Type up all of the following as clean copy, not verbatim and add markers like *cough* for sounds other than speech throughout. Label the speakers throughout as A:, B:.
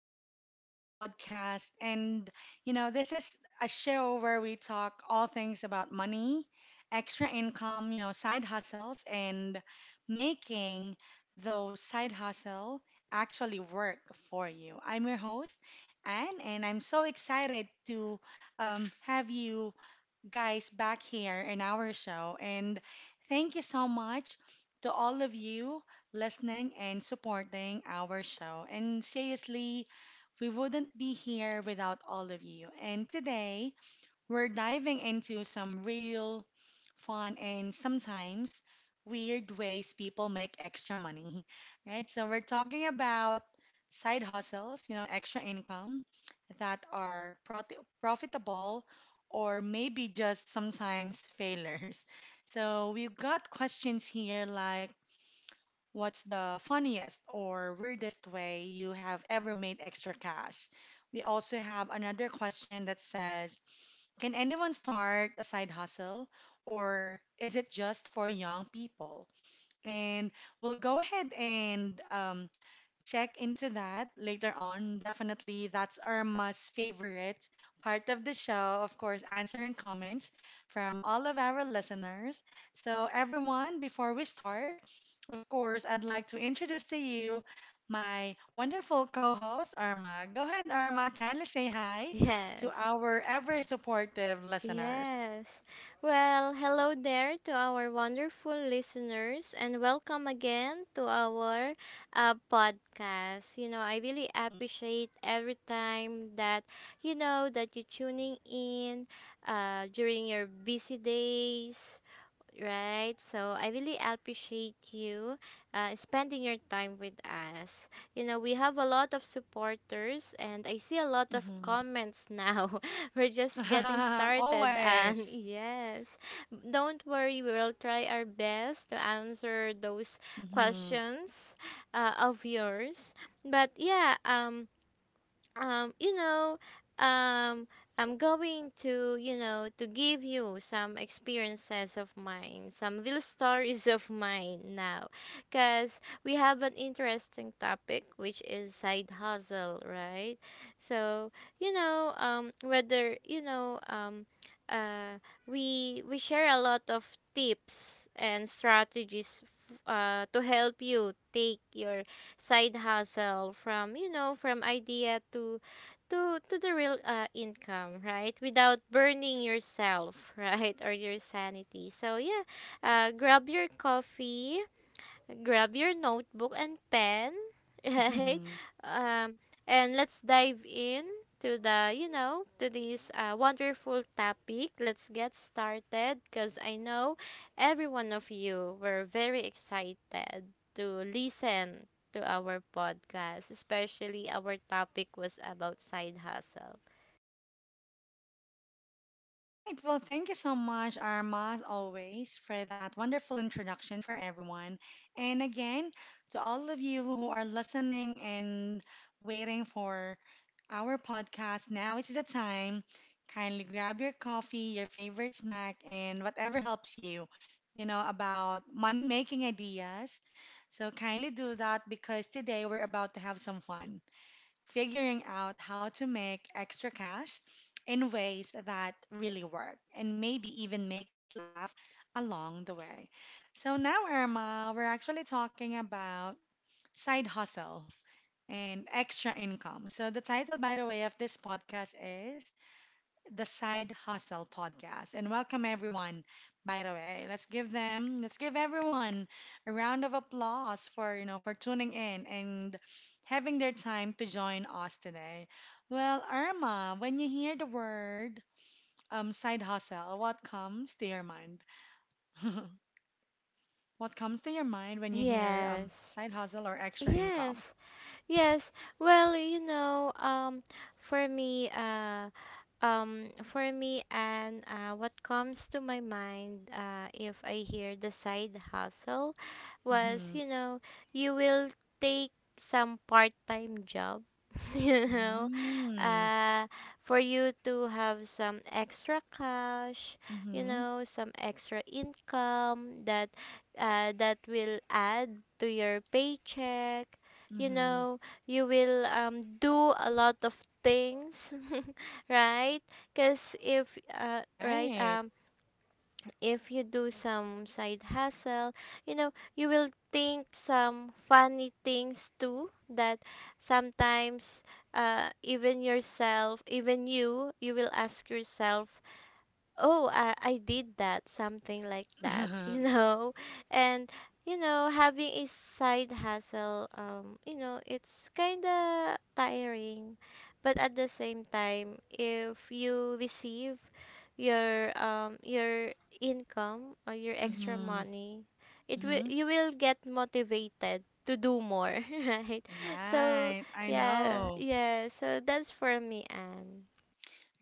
A: back to another podcast. And, this is a show where we talk all things about money, extra income, side hustles, and making those side hustle actually work for you. I'm your host, Anne, and I'm so excited to have you guys back here in our show. And thank you so much to all of you listening and supporting our show. And seriously, we wouldn't be here without all of you. And today, we're diving into some real fun and sometimes weird ways people make extra money, *laughs* right? So we're talking about side hustles, extra income that are profitable or maybe just sometimes failures. *laughs* So we've got questions here like what's the funniest or weirdest way you have ever made extra cash? We also have another question that says can anyone start a side hustle or is it just for young people? And we'll go ahead and check into that later on. Definitely, that's Irma's favorite part of the show. Of course, answering comments from all of our listeners. So, everyone, before we start, of course, I'd like to introduce to you my wonderful co host, Irma. Go ahead, Irma, kindly say hi to
B: Yes,
A: our ever supportive listeners.
B: yes. Well, hello there to our wonderful listeners and welcome again to our podcast. You know, I really
A: Mm-hmm.
B: appreciate every time that, that you tuning in during your busy days, right? So I really appreciate you spending your time with us. You know, we have a lot of supporters, and I see a lot of comments now. *laughs* We're just getting
A: Mm-hmm. *laughs*
B: started, and *laughs*
A: Always.
B: yes, don't worry, we will try our best to answer those
A: Mm-hmm.
B: questions of
A: Mm-hmm.
B: yours. But um, you know, um, I'm going to, to give you some experiences of mine, some little *laughs* stories of mine now, because we have an interesting topic, which is side hustle, right? So, you know, um, whether, you know, um, uh, we share a lot of tips and strategies to help you take your side hustle from from idea to to the real income, right? Without burning yourself *laughs* right? Or your sanity. So yeah, grab your coffee, grab your notebook and pen, *laughs* right?
A: *laughs*
B: And let's dive in to the, to this wonderful topic. Let's get started because I know every one of you were very excited to listen to our podcast, especially our topic was about side hustle.
A: All right. Well, thank you so much, Arma, as always, for that wonderful introduction for everyone. And again, to all of you who are listening and waiting for our podcast, now is the time. Kindly grab your coffee, your favorite snack, and whatever helps you, about money making ideas. So kindly do that because today we're about to have some fun figuring out how to make extra cash in ways that really work and maybe even make you laugh along the way. So now, Irma, we're actually talking about side hustle and extra income. So the title, by the way, of this podcast is the Side Hustle podcast. And welcome everyone. By the way, let's give everyone a round of applause for, for tuning in and having their time to join us today. Well, Irma, when you hear the word side hustle, what comes to your mind? *laughs* What comes to your mind when you hear
B: Yes.
A: side hustle or extra income?
B: Yes. Yes. Well, for me, uh, for me, and what comes to my mind, if I hear the side hustle, was,
A: Mhm.
B: you know, you will take some part-time job, *laughs* you know,
A: Mhm.
B: uh, for you to have some extra cash, you
A: Mhm.
B: know, some extra income that that will add to your paycheck. You
A: Mhm.
B: know, you will do a lot of things, *laughs* right? Because
A: Right.
B: if you do some side hustle, you know, you will think some funny things too that sometimes even yourself, even you, you will ask yourself, oh, I did that, something like that, *laughs* you
A: *laughs*
B: know. And you know, having a side hustle, you know, it's kind of tiring, but at the same time, if you receive your income or your extra
A: Mhm.
B: money, it will
A: Mhm.
B: you will get motivated to do more. *laughs* Right? So
A: Right, I
B: yeah
A: know.
B: yeah so that's for me.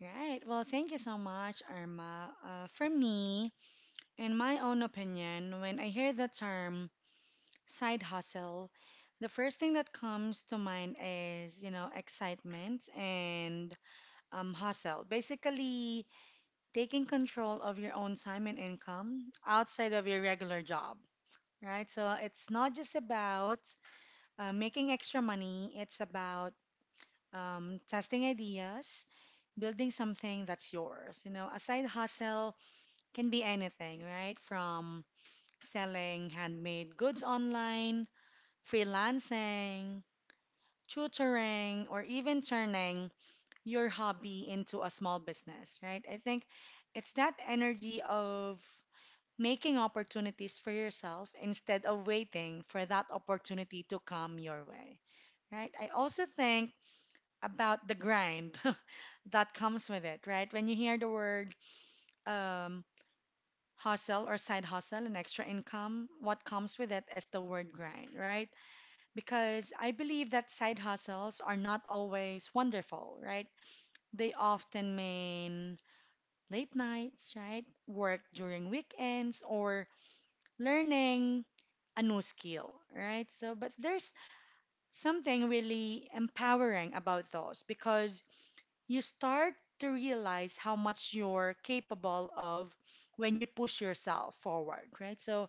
A: Right. Well, thank you so much, Irma. For me, in my own opinion, when I hear the term side hustle, the first thing that comes to mind is, excitement and hustle. Basically, taking control of your own time and income outside of your regular job, right? So it's not just about making extra money, it's about testing ideas building something that's yours. You know, a side hustle can be anything, right? From selling handmade goods online, freelancing, tutoring, or even turning your hobby into a small business, right? I think it's that energy of making opportunities for yourself instead of waiting for that opportunity to come your way, right? I also think about the grind *laughs* that comes with it, right? When you hear the word um, hustle or side hustle and extra income, what comes with it is the word grind, right? Because I believe that side hustles are not always wonderful, right? They often mean late nights, right? Work during weekends or learning a new skill, right? So, but there's something really empowering about those because you start to realize how much you're capable of when you push yourself forward, right? So,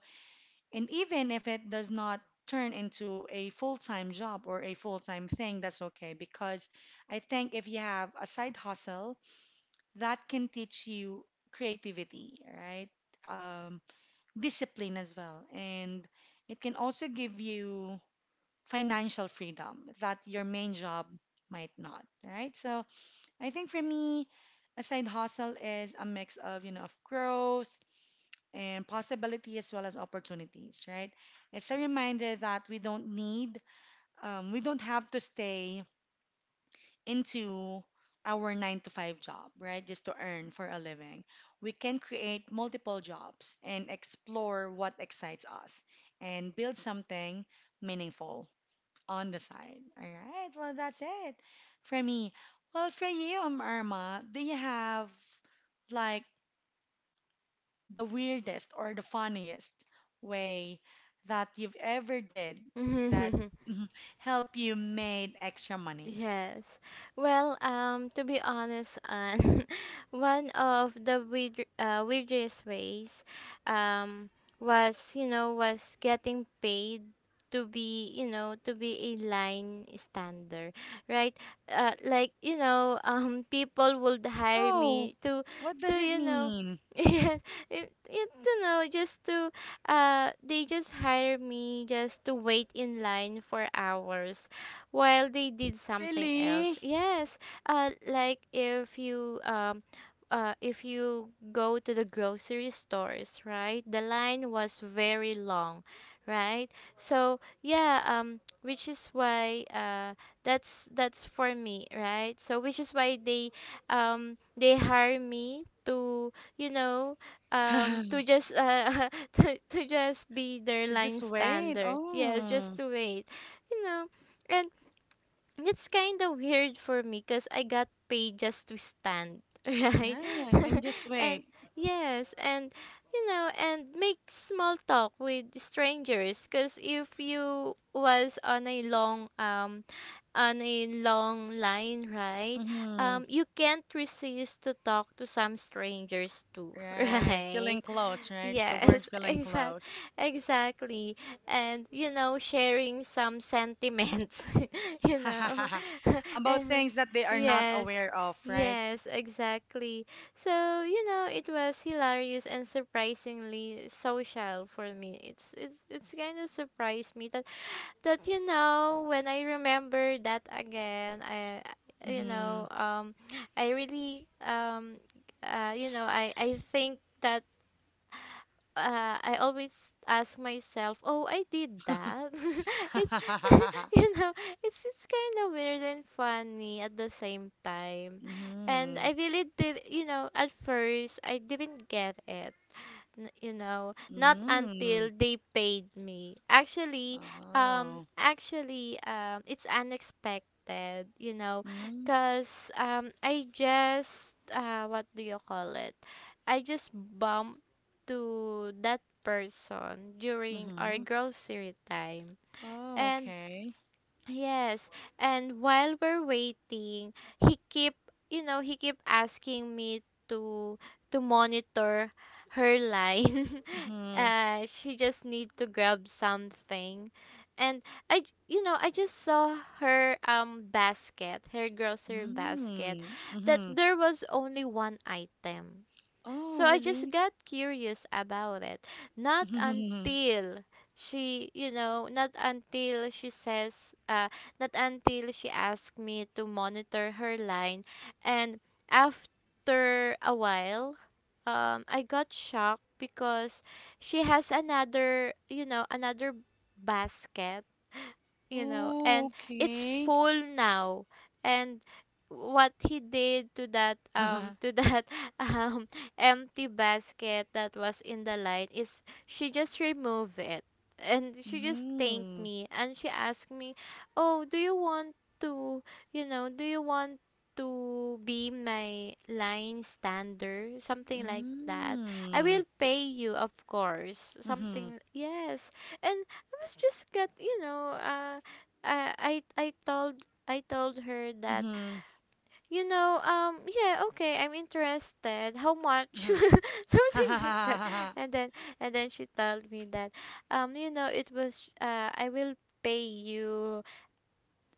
A: And even if it does not turn into a full time job or a full time thing, that's okay because I think if you have a side hustle, that can teach you creativity, right? Um, Discipline as well. And it can also give you financial freedom that your main job might not, right? So I think for me, a side hustle is a mix of, you know, of growth, and possibility as well as opportunities, right? It's a reminder that we don't have to stay into our nine to five job, right? Just to earn for a living. We can create multiple jobs and explore what excites us and build something meaningful on the side. All right. Well, that's it for me. Well, for you, Irma, do you have like the weirdest or the funniest way that you've ever did that
B: And *laughs*
A: *laughs* help you made extra money?
B: yes. Well, to be honest, Anne, *laughs* one of the weirdest ways, um, was, was getting paid to be, to be a line stander, right? Like you know, *laughs* people would hire
A: Oh,
B: me to
A: what does it
B: you know.
A: mean?
B: *laughs* Yeah, you know, just to, they just hire me just to wait in line for hours while they did something else.
A: Really?
B: Yes, like if you go to the grocery stores, right? The line was very long, right? So yeah, which is why that's for me, right? So which is why they hire me to to
A: *laughs*
B: just *laughs* to just be their
A: To
B: line
A: just wait.
B: stander, yes, just
A: Oh,
B: to wait, you know. And it's kind of weird for me because I got paid just to stand, *laughs* right?
A: right.
B: *laughs*
A: And just
B: And
A: wait.
B: yes, and you know, and make small talk with strangers because if you was on a long line, right?
A: Mm-hmm.
B: You can't resist to talk to some strangers too, *laughs*
A: Right.
B: right?
A: Feeling close, right? The word
B: Yes, *laughs*
A: feeling close.
B: exactly. And you know, sharing some sentiments, *laughs* you know. *laughs*
A: *laughs* About
B: And
A: things that they are not
B: yes,
A: aware of, right?
B: yes, exactly. So, you know, it was hilarious and surprisingly social for me. It's kind of surprised me that you know, when I remember that again, I you
A: Mm-hmm.
B: know, I really you know, I think that I always ask myself, "Oh, I did that." *laughs* It's *laughs*
A: *laughs*
B: you know, it's kind of weird and funny at the same time. And
A: mm-hmm.
B: I really did, you know, at first I didn't get it you know, not
A: Mm.
B: until they paid me actually.
A: Oh.
B: It's unexpected, you know,
A: Mm.
B: because I just what do you call it, I just bumped to that person during our
A: Mm-hmm.
B: grocery time.
A: Oh,
B: And
A: okay.
B: yes, and while we're waiting, he keep you know, he keep asking me to monitor her line. *laughs*
A: Mm-hmm.
B: She just need to grab something, and you know, I just saw her basket, her grocery basket,
A: Mm.
B: that
A: Mm-hmm.
B: there was only one item,
A: Oh,
B: so I just
A: really?
B: got curious about it. Not
A: *laughs*
B: until not until not until she asked me to monitor her line. And after a while, I got shocked because she has another, you know, another basket, you know,
A: Oh,
B: and it's
A: okay.
B: full now. And what he did to
A: *laughs*
B: that *laughs* um empty basket that was in the line is she just removed it, and she just thanked
A: Mm.
B: me, and she asked me, oh, do you want to, you know, do you want to be my line stander, something like that. I
A: Mm.
B: will pay you, of course,
A: Mm-hmm.
B: something. Yes. And I was just got, you know, I told, I told her that,
A: Mm-hmm.
B: you know, yeah, okay, I'm interested, how much, *laughs* something like that.
A: Uh-huh. *laughs*
B: And then, and then she told me that, you know, it was I will pay you,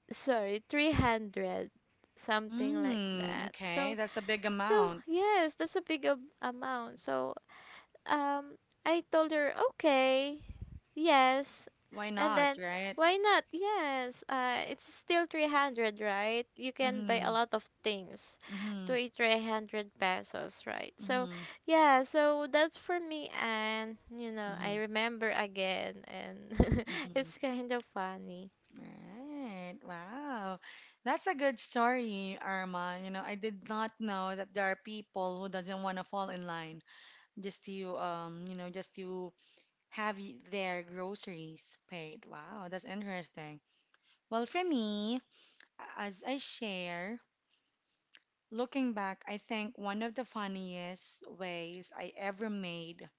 B: sorry, 300, something like
A: Mm.
B: that.
A: Okay,
B: So,
A: that's a big
B: so
A: amount.
B: yes, that's a big amount. So um I told her okay, yes,
A: Why
B: and
A: not,
B: then,
A: right?
B: why not? Yes, it's still 300, right? You can buy a
A: Mm-hmm.
B: lot of things,
A: Mm-hmm.
B: to a 300 pesos, right? So
A: Mm-hmm.
B: yeah, so that's for me. And you know, I
A: Mm-hmm.
B: remember again, and *laughs*
A: Mm-hmm.
B: it's kind of funny.
A: Right. Wow. That's a good story, Irma. You know, I did not know that there are people who doesn't want to fall in line just to just to have their groceries paid. Wow, that's interesting. Well, for me, as I share, looking back, I think one of the funniest ways I ever made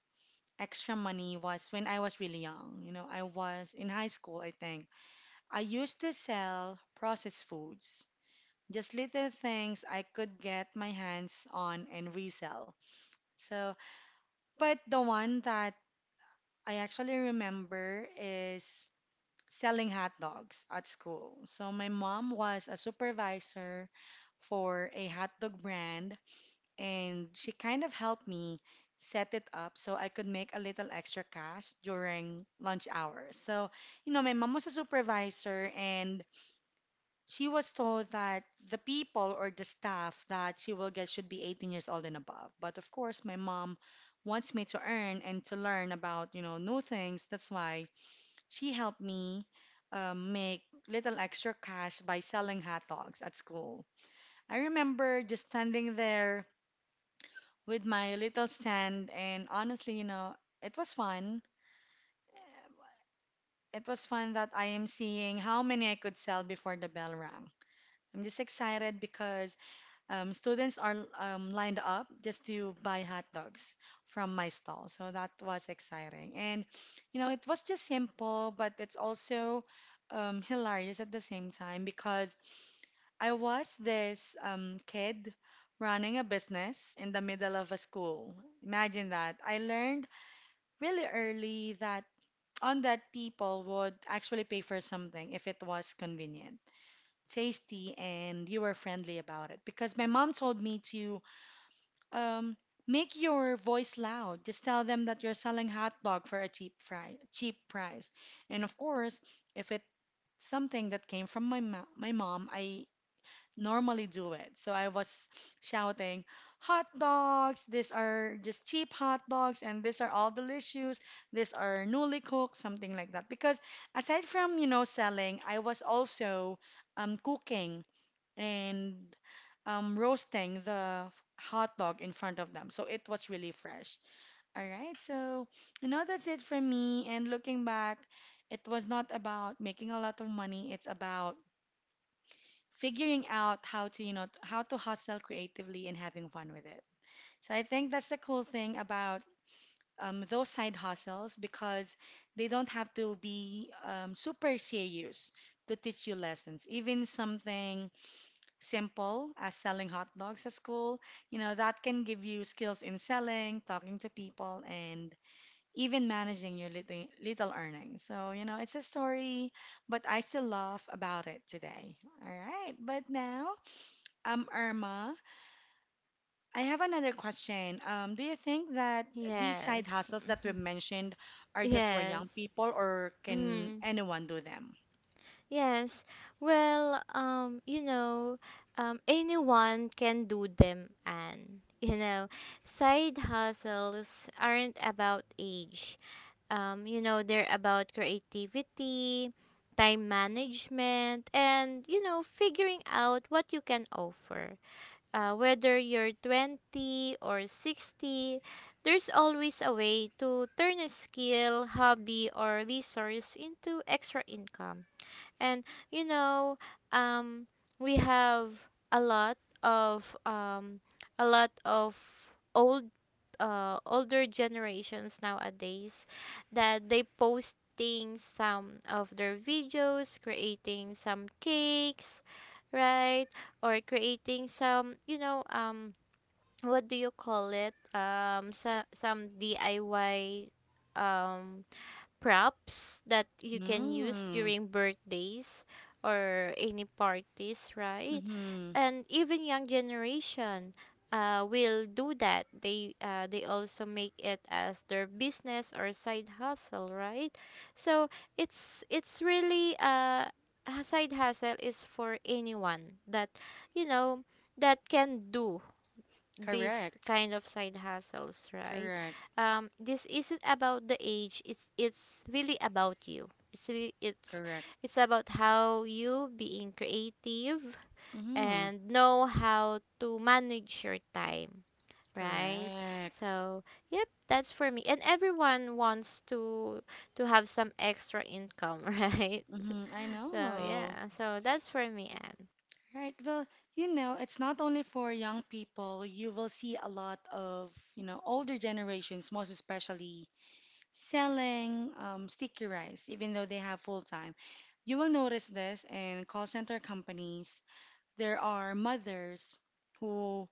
A: extra money was when I was really young. You know, I was in high school, I think. I used to sell processed foods just little things I could get my hands on and resell. So, but the one that I actually remember is selling hot dogs at school. So, my mom was a supervisor for a hot dog brand, and she kind of helped me set it up so I could make a little extra cash during lunch hours. So, you know, my mom was a supervisor, and she was told that the people or the staff that she will get should be 18 years old and above. But of course, my mom wants me to earn and to learn about, you know, new things. That's why she helped me make little extra cash by selling hot dogs at school. I remember just standing there with my little stand, and honestly, you know, it was fun. It was fun that I am seeing how many I could sell before the bell rang. I'm just excited because students are lined up just to buy hot dogs from my stall. So that was exciting. And, you know, it was just simple, but it's also hilarious at the same time because I was this kid running a business in the middle of a school. Imagine that. I learned really early that on that people would actually pay for something if it was convenient tasty and you were friendly about it because my mom told me to um, make your voice loud. Just tell them that you're selling hot dog for a cheap price. And of course, if it's something that came from my mom, I normally do it. So I was shouting, "Hot dogs! These are just cheap hot dogs, and these are all delicious. These are newly cooked," something like that. Because aside from, you know, selling, I was also cooking and roasting the hot dog in front of them. So it was really fresh. All right, so you know that's it for me. And looking back, it was not about making a lot of money. It's about figuring out how to, you know, how to hustle creatively and having fun with it. So I think that's the cool thing about those side hustles because they don't have to be super serious to teach you lessons. Even something simple as selling hot dogs at school, you know, that can give you skills in selling, talking to people, and even managing your little, little earnings. So, you know, it's a story, but I still laugh about it today. All right. But now, Irma, I have another question. Do you think that these side
B: Yes,
A: hustles that we've mentioned are
B: *laughs*
A: just for
B: yes.
A: young people, or can
B: Mm.
A: anyone do them?
B: Yes. Well, anyone can do them, and *laughs* you know, side hustles aren't about age. You know, they're about creativity, time management, and you know, figuring out what you can offer. Whether you're 20 or 60, there's always a way to turn a skill, hobby, or resource into extra income. And you know um we have of um a lot of old older generations nowadays that they posting some of their videos, creating some cakes, right? Or creating some, you know, what do you call it, so, some DIY um props that you can use
A: Mm.
B: during birthdays or any parties, right?
A: Mm-hmm.
B: And even young generation will do that. They also make it as their business or side hustle, right? So it's really a side hustle is for anyone that, you know, that can do these
A: Correct.
B: kind of side hustles, right?
A: Correct.
B: This isn't about the age. It's really about you.
A: Correct.
B: It's about how you being creative
A: Mm-hmm.
B: and know how to manage your time, right?
A: Correct.
B: So, yep, that's for me. And everyone wants to have some extra income, *laughs* right?
A: Mm-hmm. I
B: So,
A: know.
B: yeah. So, that's for me, Anne.
A: Right. Well, you know, it's not only for young people. You will see a lot of, you know, older generations, most especially, selling sticky rice, even though they have full time. You will notice this in call center companies. There are mothers who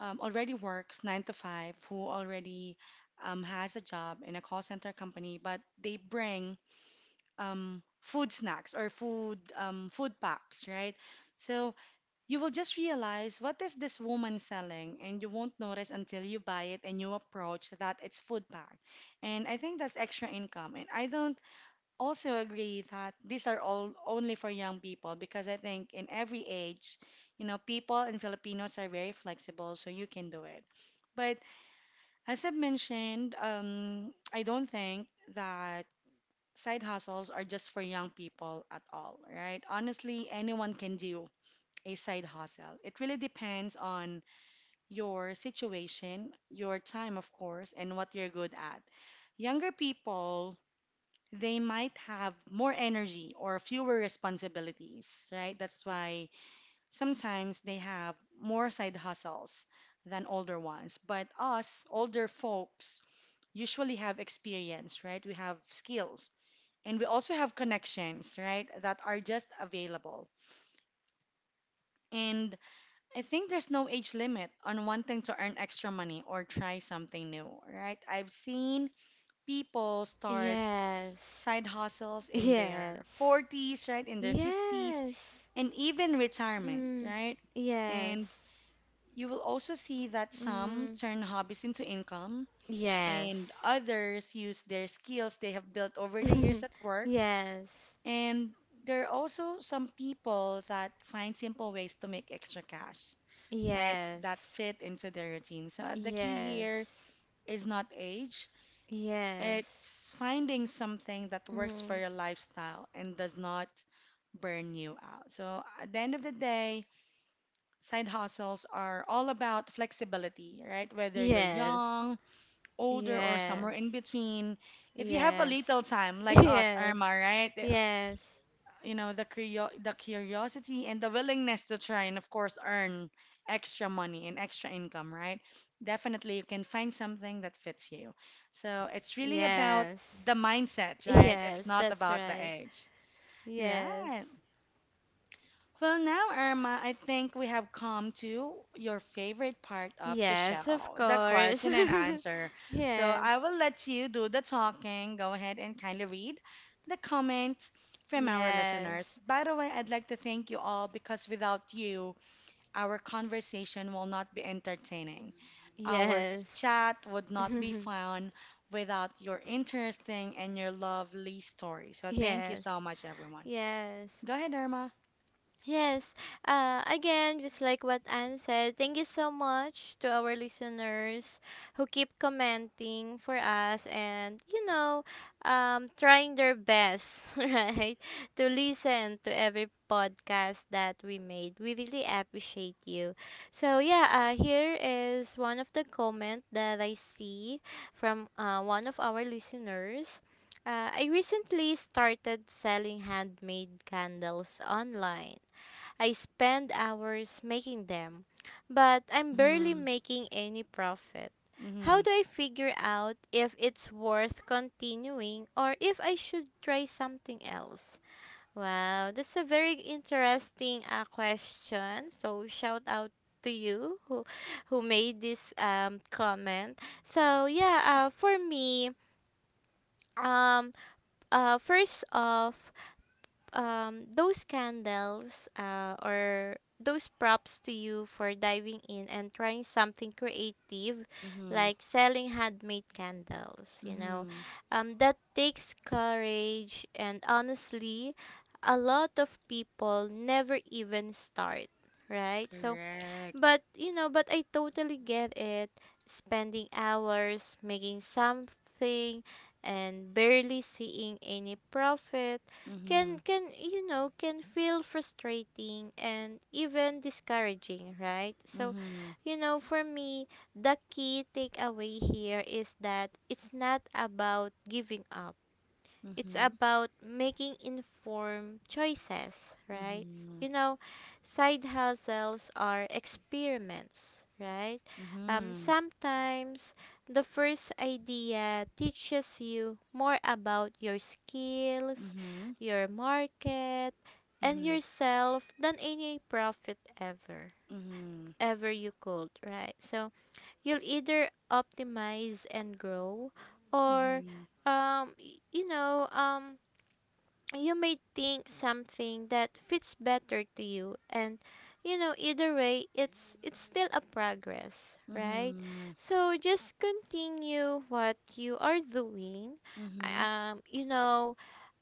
A: already works nine to five, who already has a job in a call center company, but they bring food snacks or food packs, right? So you will just realize what is this woman selling, and you won't notice until you buy it and you approach that it's food pack. And I think that's extra income. And I don't also agree that these are all only for young people because I think in every age, you know, people and Filipinos are very flexible, so you can do it. But as I've mentioned, I don't think that side hustles are just for young people at all, right? Honestly, anyone can do a side hustle. It really depends on your situation, your time, of course, and what you're good at. Younger people, they might have more energy or fewer responsibilities, right? That's why sometimes they have more side hustles than older ones. But us, older folks, usually have experience, right? We have skills and we also have connections, right, that are just available. And I think there's no age limit on wanting to earn extra money or try something new, right? I've seen people start
B: Yes.
A: side hustles in their
B: Yes.
A: 40s, right, in their 50s,
B: Yes.
A: and even retirement,
B: Mm,
A: right? And
B: yes.
A: you will also see that some
B: Mm,
A: turn hobbies into income, and
B: yes.
A: others use their skills they have built over the years at
B: *laughs*
A: work.
B: Yes.
A: And there are also some people that find simple ways to make extra cash, right? That
B: Yes.
A: fit into their routine. So the key
B: Yes.
A: here is not age,
B: Yes.
A: it's finding something that works for
B: Mm,
A: your lifestyle and does not burn you out. So at the end of the day, side hustles are all about flexibility, right? Whether you're
B: yes.
A: young, older, or somewhere
B: Yes.
A: in between. If you have a
B: Yes.
A: little time,
B: *laughs*
A: like us, Irma,
B: Yes.
A: right?
B: Yes.
A: You know the curiosity and the willingness to try and of course earn extra money and extra income, right? Definitely you can find something that fits you, so it's really about
B: Yes.
A: the mindset, right? It's
B: Yes,
A: not
B: that's
A: about the
B: right.
A: age,
B: Yes.
A: right? Well, now, Irma, I think we have come to your favorite part of the
B: Yes, of
A: show, the
B: course.
A: question and answer.
B: *laughs*
A: So
B: yes.
A: I will let you do the talking. Go ahead and kindly read the comments from our
B: Yes.
A: listeners. By the way, I'd like to thank you all because without you, our conversation will not be entertaining. Our
B: Yes.
A: chat would not be
B: *laughs*
A: fun without your interesting and your lovely story. So thank you
B: yes.
A: so much, everyone.
B: Yes.
A: Go ahead, Irma.
B: Yes. Again, just like what Anne said, thank you so much to our listeners who keep commenting for us and, you know, trying their best, *laughs* right, to listen to every podcast that we made. We really appreciate you. So, yeah, here is one of the comment that I see from one of our listeners. I recently started selling handmade candles online. I spend hours making them, but I'm barely making any profit. How
A: Mhm.
B: do I figure out if it's worth continuing or if I should try something else? Wow, that's a very interesting question. So shout out to you who made this comment. So yeah, for me, um, first off, those candles or those props to you for diving in and trying something creative
A: Mhm.
B: like selling handmade candles, you know,
A: Mhm.
B: that takes courage, and honestly, a lot of people never even start, right? So
A: Correct.
B: but you know, but I totally get it. Spending hours making something and barely seeing any profit can
A: Mhm.
B: can you know, can feel frustrating and even discouraging, right? So,
A: Mhm.
B: you know, for me, the key takeaway here is that it's not about giving up, it's
A: Mhm.
B: about making informed choices, right?
A: Mhm.
B: You know, side hustles are experiments, right?
A: Mhm.
B: Sometimes the first idea teaches you more about your skills,
A: Mhm.
B: your market, and
A: Mhm.
B: yourself than any profit
A: Mhm.
B: ever you could, right? So you'll either optimize and grow or
A: Mhm.
B: um y- you know um you may think something that fits better to you, and either way it's still a progress, right?
A: Mhm.
B: So just continue what you are doing.
A: Mhm.
B: um you know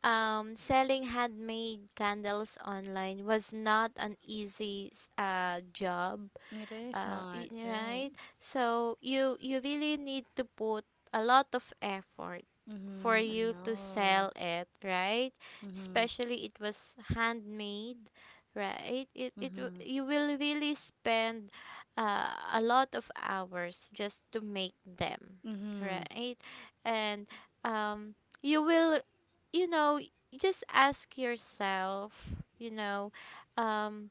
B: Selling handmade candles online was not an easy job.
A: It is not right.
B: Right, so you really need to put a lot of effort for
A: Mhm. I
B: you to
A: know.
B: sell it, right?
A: Mhm.
B: Especially it was handmade, right?
A: Mhm.
B: You will really spend a lot of hours just to make them,
A: Mhm.
B: right? And um you will, you know just ask yourself, um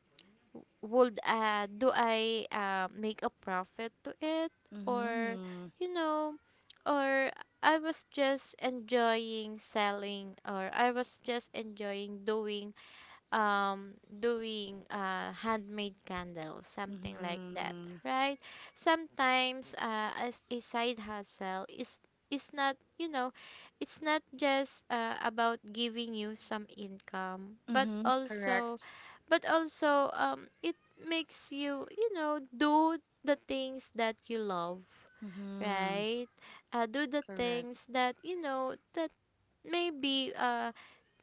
B: would do I make a profit to it, or
A: Mhm.
B: you know or I was just enjoying selling, or I was just enjoying doing, doing handmade candles, something like that,
A: Mhm.
B: right? Sometimes as a side hustle is not, it's not just about giving you some income,
A: Mhm. Correct.
B: but also it makes you, you know do the things that you love,
A: Mhm.
B: right? Do the
A: Correct.
B: things that you know that maybe uh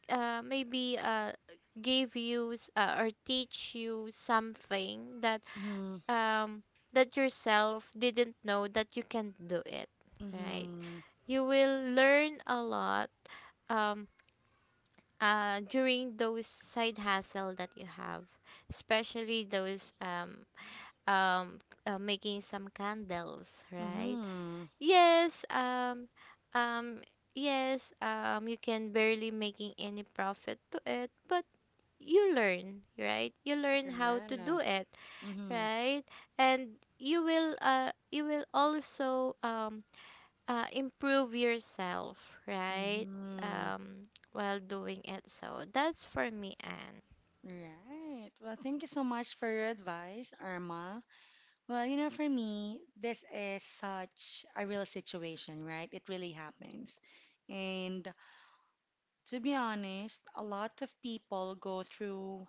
B: uh, maybe give you or teach you something that
A: Mhm.
B: um, that yourself didn't know that you can do it, right?
A: Mhm.
B: You will learn a lot, um, during those side hustle that you have, especially those um, making some candles, right?
A: Mhm.
B: Yes, um, yes, you can barely making any profit to it, but you learn, right? You learn how to do
A: Correct.
B: it,
A: Mhm.
B: right? And you will also improve yourself, right?
A: Mm,
B: While doing it. So that's for me, Anne.
A: right. Well, thank you so much for your advice, Irma. Well, you know, for me, this is such a real situation, right? It really happens. And to be honest, a lot of people go through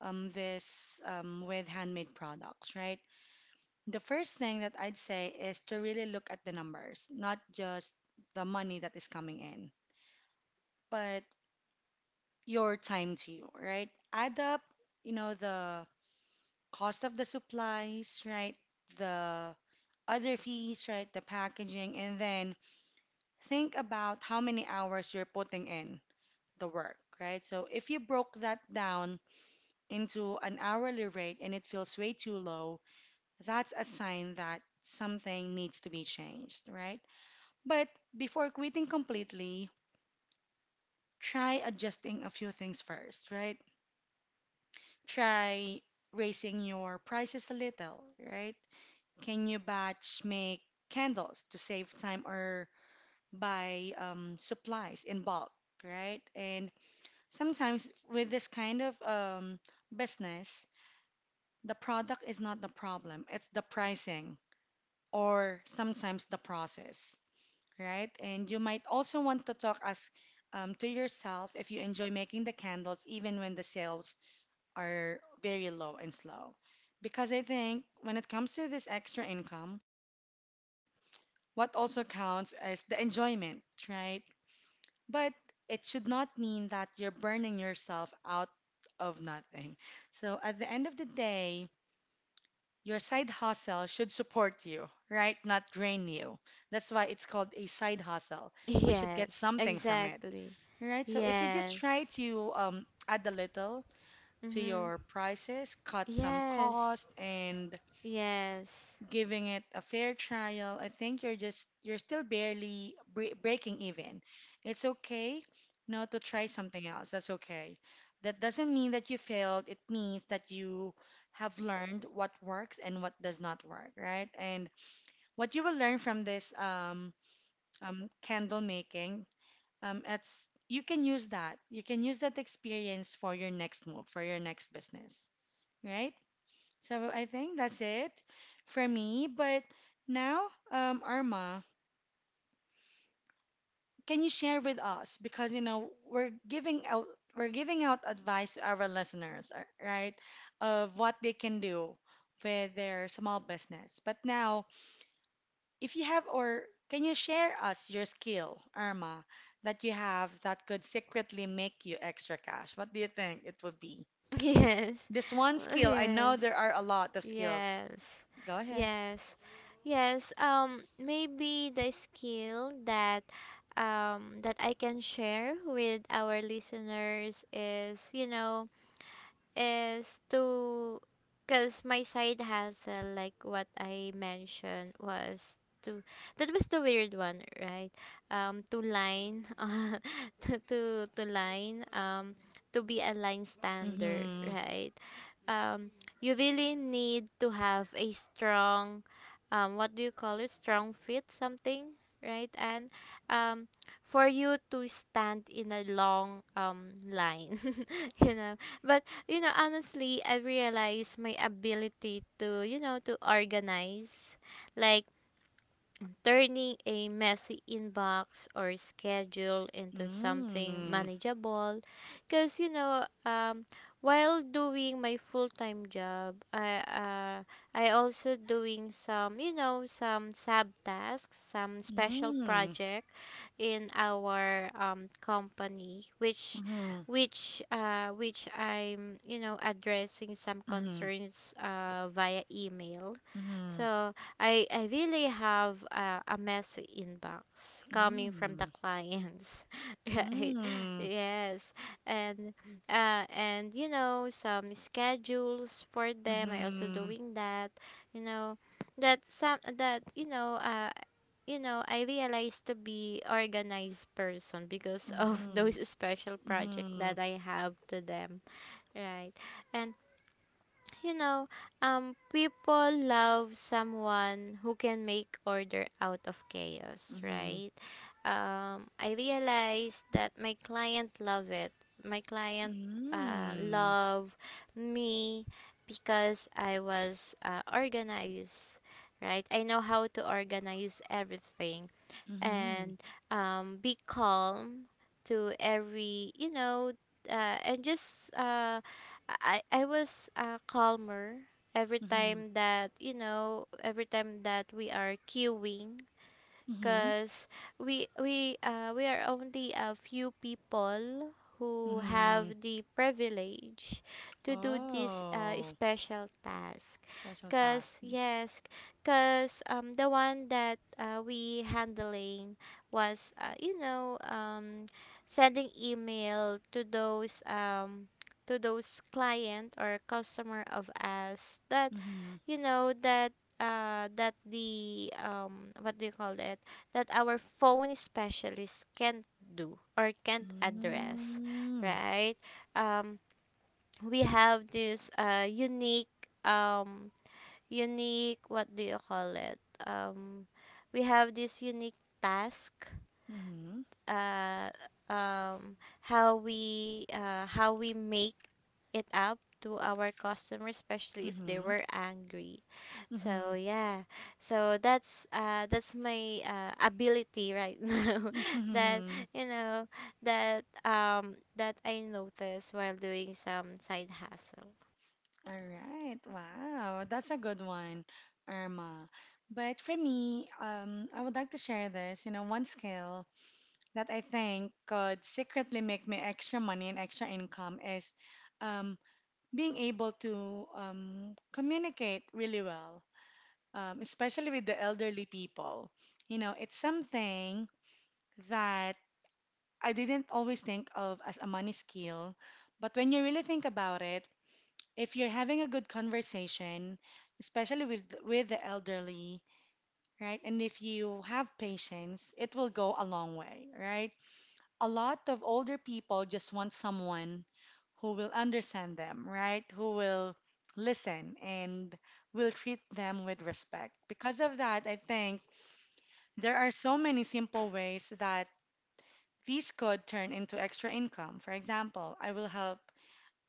A: this with handmade products, right? The first thing that I'd say is to really look at the numbers, not just the money that is coming in, but your time too, right? Add up, you know, the cost of the supplies, right? The other fees, right? The packaging, and then think about how many hours you're putting in the work, right? So if you broke that down into an hourly rate and it feels way too low, that's a sign that something needs to be changed, right? But before quitting completely, try adjusting a few things first, right? Try raising your prices a little, right? Can you batch make candles to save time or buy supplies in bulk, right? And sometimes with this kind of business, the product is not the problem, it's the pricing or sometimes the process, right? And you might also want to talk as to yourself if you enjoy making the candles even when the sales are very low and slow. Because I think when it comes to this extra income, what also counts is the enjoyment, right? But it should not mean that you're burning yourself out of nothing. So at the end of the day, your side hustle should support you, right? Not drain you. That's why it's called a side hustle.
B: *laughs*
A: We should get
B: Yes,
A: something from it,
B: exactly.
A: right? So if you just try
B: Yes.
A: to add a little to
B: Mhm.
A: your prices, cut some
B: Yes.
A: cost, and
B: Yes.
A: giving it a fair trial. I think you're still barely breaking even. It's okay now to try something else. That's okay. That doesn't mean that you failed. It means that you have learned what works and what does not work, right? And what you will learn from this candle making, it's you can use that. You can use that experience for your next move, for your next business, right? So I think that's it for me. But now, Arma, can you share with us? Because you know we're giving out advice to our listeners, right, of what they can do with their small business. But now, if you have or can you share us your skill, Arma, that you have that could secretly make you extra cash? What do you think it would be?
B: *laughs* Yes.
A: This one
B: *laughs*
A: skill, I know
B: Yes.
A: there are a lot of skills.
B: Yes.
A: Go ahead.
B: Yes. Yes. Maybe the skill that that I can share with our listeners is, you know, is to, because my side hustle, like what I mentioned, was to, that was the weird one, right? To line, *laughs* to line, to be a line stander,
A: Mm-hmm.
B: right? um you really need to have a strong, what do you call it, strong fit something, right? And um for you to stand in a long line. *laughs* You know, but you know, honestly, I realized my ability to, you know, to organize. Like, turning a messy inbox or schedule into something
A: Mm.
B: manageable, because you know, while doing my full-time job, I I also doing some, you know, some sub tasks, some special
A: Mm.
B: project in our company,
A: Mhm.
B: which I'm, you know, addressing some
A: Mhm.
B: concerns via email.
A: Mhm.
B: So I really have a messy inbox coming from the
A: Mm.
B: clients, *laughs* right?
A: Mm.
B: Yes, and and you know some schedules for them. I also
A: Mhm.
B: doing that, you know, that some that you know I realized to be organized person because of *laughs*
A: Mhm.
B: those special project
A: Mhm.
B: that I have to them, right? And you know, people love someone who can make order out of chaos,
A: Mhm.
B: right? I realized that my client love it. My client
A: Mm.
B: love me because I was organized, right? I know how to organize everything,
A: Mhm.
B: and be calm to every, you know, and just I was calmer every
A: Mhm.
B: time that, you know, every time that we are queuing,
A: Mhm.
B: because we are only a few people who
A: Mhm.
B: have the privilege to do this
A: Oh,
B: special task.
A: special
B: Because
A: tasks.
B: yes, because the one that we handling was you know, sending email to those client or customer of us that,
A: Mhm.
B: you know, that that the what do you call it, that our phone specialists can't do or can't address,
A: Mm.
B: right? Um, we have this unique, um, unique, what do you call it? Um, we have this unique task,
A: Mhm.
B: uh, how we make it up to our customers, especially if they
A: Mhm.
B: were angry. So
A: Mhm.
B: yeah, so that's my ability right *laughs* now. That,
A: Mhm.
B: you know, that that I noticed while doing some side hustle.
A: All right. Wow. That's a good one, Irma. But for me, I would like to share this, you know, one skill that I think could secretly make me extra money and extra income is um, being able to communicate really well, especially with the elderly people. You know, it's something that I didn't always think of as a money skill, but when you really think about it, if you're having a good conversation, especially with the elderly, right? And if you have patience, it will go a long way, right? A lot of older people just want someone who will understand them, right? Who will listen and will treat them with respect. Because of that, I think there are so many simple ways that these could turn into extra income. For example, I will help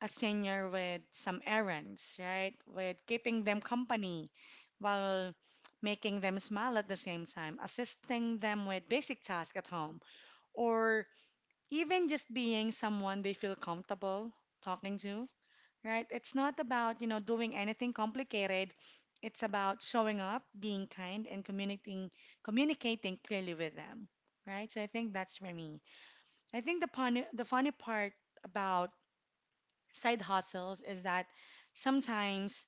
A: a senior with some errands, right? With keeping them company while making them smile at the same time, assisting them with basic tasks at home, or even just being someone they feel comfortable talking to, right? It's not about, you know, doing anything complicated. It's about showing up, being kind, and communicating clearly with them, right? So I think that's for me. I think the funny part about side hustles is that sometimes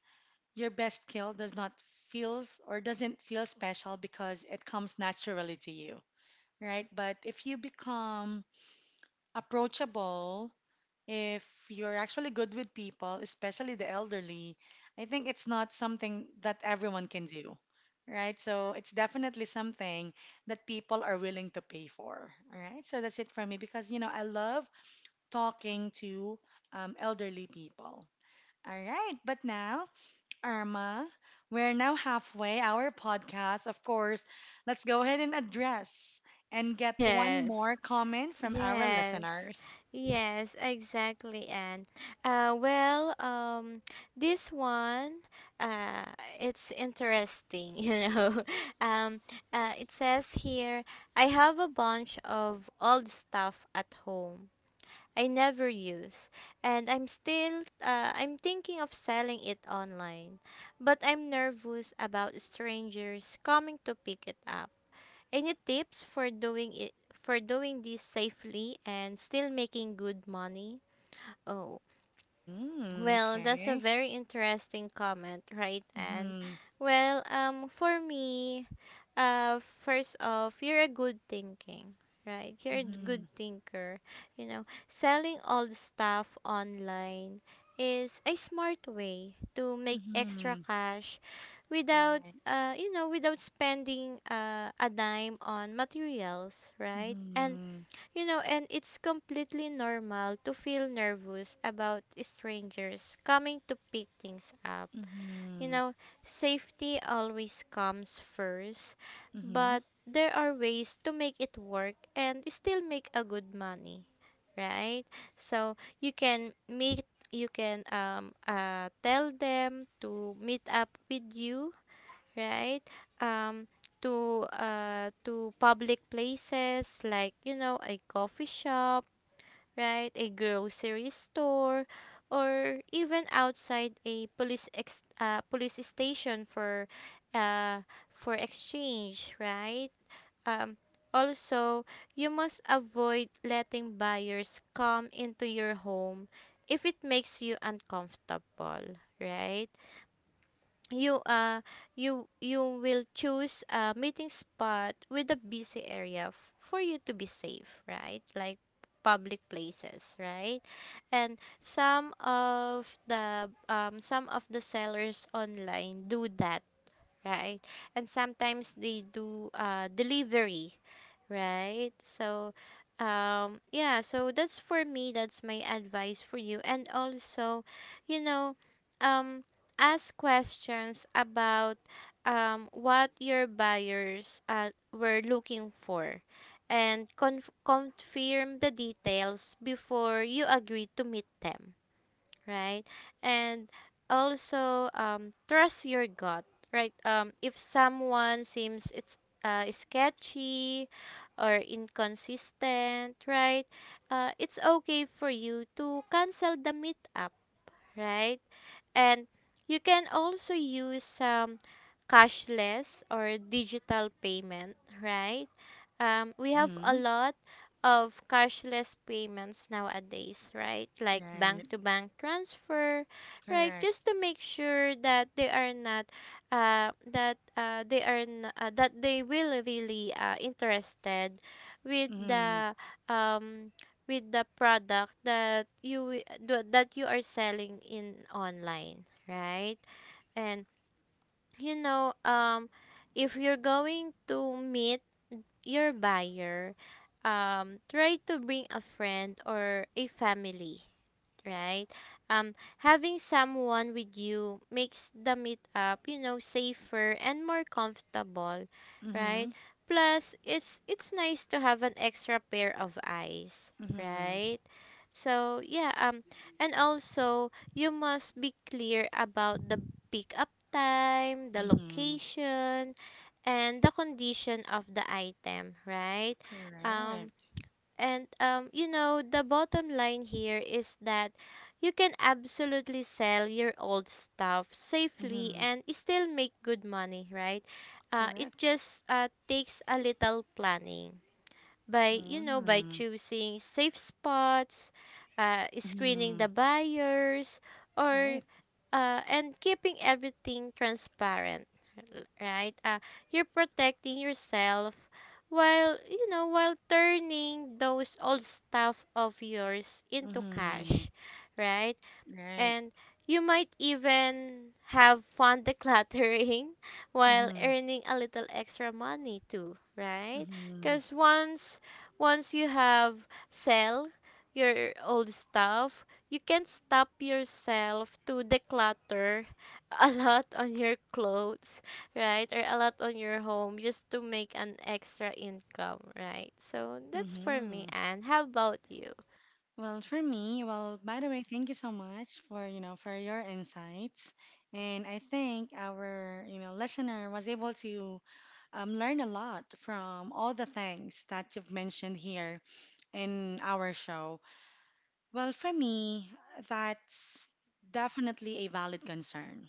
A: your best skill does not feels or doesn't feel special because it comes naturally to you, right? But if you become approachable, if you're actually good with people, especially the elderly, I think it's not something that everyone can do, right? So it's definitely something that people are willing to pay for, all right? So that's it for me because, you know, I love talking to elderly people. All right, but now, Irma, we're now halfway our podcast. Of course, let's go ahead and address and
B: *laughs*
A: get one
B: Yes.
A: more comment from our
B: Yes,
A: listeners.
B: yes, exactly. And uh, well, um, this one, uh, it's interesting, *laughs* you know. Um, it says here, I have a bunch of old stuff at home I never use, and I'm thinking of selling it online, but I'm nervous about strangers coming to pick it up. Any tips for doing it, for doing this safely and still making good money? Oh,
A: Mm,
B: well, that's a
A: okay.
B: very interesting comment, right? And
A: Mm-hmm,
B: well, for me, first off, you're a good thinking, right? You're a
A: mm-hmm,
B: good thinker. You know, selling all the stuff online is a smart way to make extra
A: mm-hmm,
B: cash, without
A: right.
B: you know, without spending a dime on materials, right? And
A: Mm-hmm,
B: you know, and it's completely normal to feel nervous about strangers coming to pick things up. You
A: mm-hmm,
B: know, safety always comes first,
A: mm-hmm,
B: but there are ways to make it work and still make a good money, right? So you can meet, you can tell them to meet up with you, right? Um, to public places, like you know, a coffee shop, right? A grocery store, or even outside a police station uh, for exchange, right? Um, also, you must avoid letting buyers come into your home if it makes you uncomfortable, right? You you will choose a meeting spot with a busy area, for you to be safe, right? Like public places, right? And some of the sellers online do that, right? And sometimes they do delivery, right? So, yeah, so that's for me, that's my advice for you. And also, you know, um, ask questions about what your buyers were looking for, and confirm the details before you agree to meet them, right? And also trust your gut, right? If someone seems it's sketchy or inconsistent, right? It's okay for you to cancel the meetup, right? And you can also use some cashless or digital payment, right? We have a
A: mm-hmm,
B: lot of cashless payments nowadays, right? Like
A: right.
B: bank to bank transfer, right? Just
A: Correct.
B: to make sure that they are not, that they are that they will really interested with
A: Mm-hmm,
B: the um with the product that you that you are selling in online, right? And you know if you're going to meet your buyer, try to bring a friend or a family, right? Having someone with you makes the meetup, you know, safer and more comfortable,
A: mm-hmm,
B: right? Plus, it's nice to have an extra pair of eyes,
A: mm-hmm,
B: right? So yeah, and also you must be clear about the pickup time, the
A: mm-hmm,
B: location, and the condition of the item, right? Um,
A: correct.
B: and you know, the bottom line here is that you can absolutely sell your old stuff safely
A: Mm-hmm,
B: and still make good money, right? It
A: correct.
B: just takes a little planning, by you know, by
A: Mm-hmm,
B: choosing safe spots, screening
A: mm-hmm.
B: the buyers,
A: Right.
B: or and keeping everything transparent, right, you're protecting yourself while, you know, while turning those old stuff of yours into
A: Mm-hmm.
B: cash, right?
A: Right.
B: And you might even have fun decluttering *laughs* while
A: Mm-hmm.
B: earning a little extra money too, right?
A: Mm-hmm.
B: Because once, once you have sell your old stuff, you can stop yourself to declutter *laughs* a lot on your clothes, right? Or a lot on your home just to make an extra income, right? So that's for me,
A: Mm-hmm.
B: Anne. How about you?
A: Well, for me, well, by the way, thank you so much for, you know, for your insights. And I think our, you know, listener was able to learn a lot from all the things that you've mentioned here in our show. Well, for me, that's definitely a valid concern,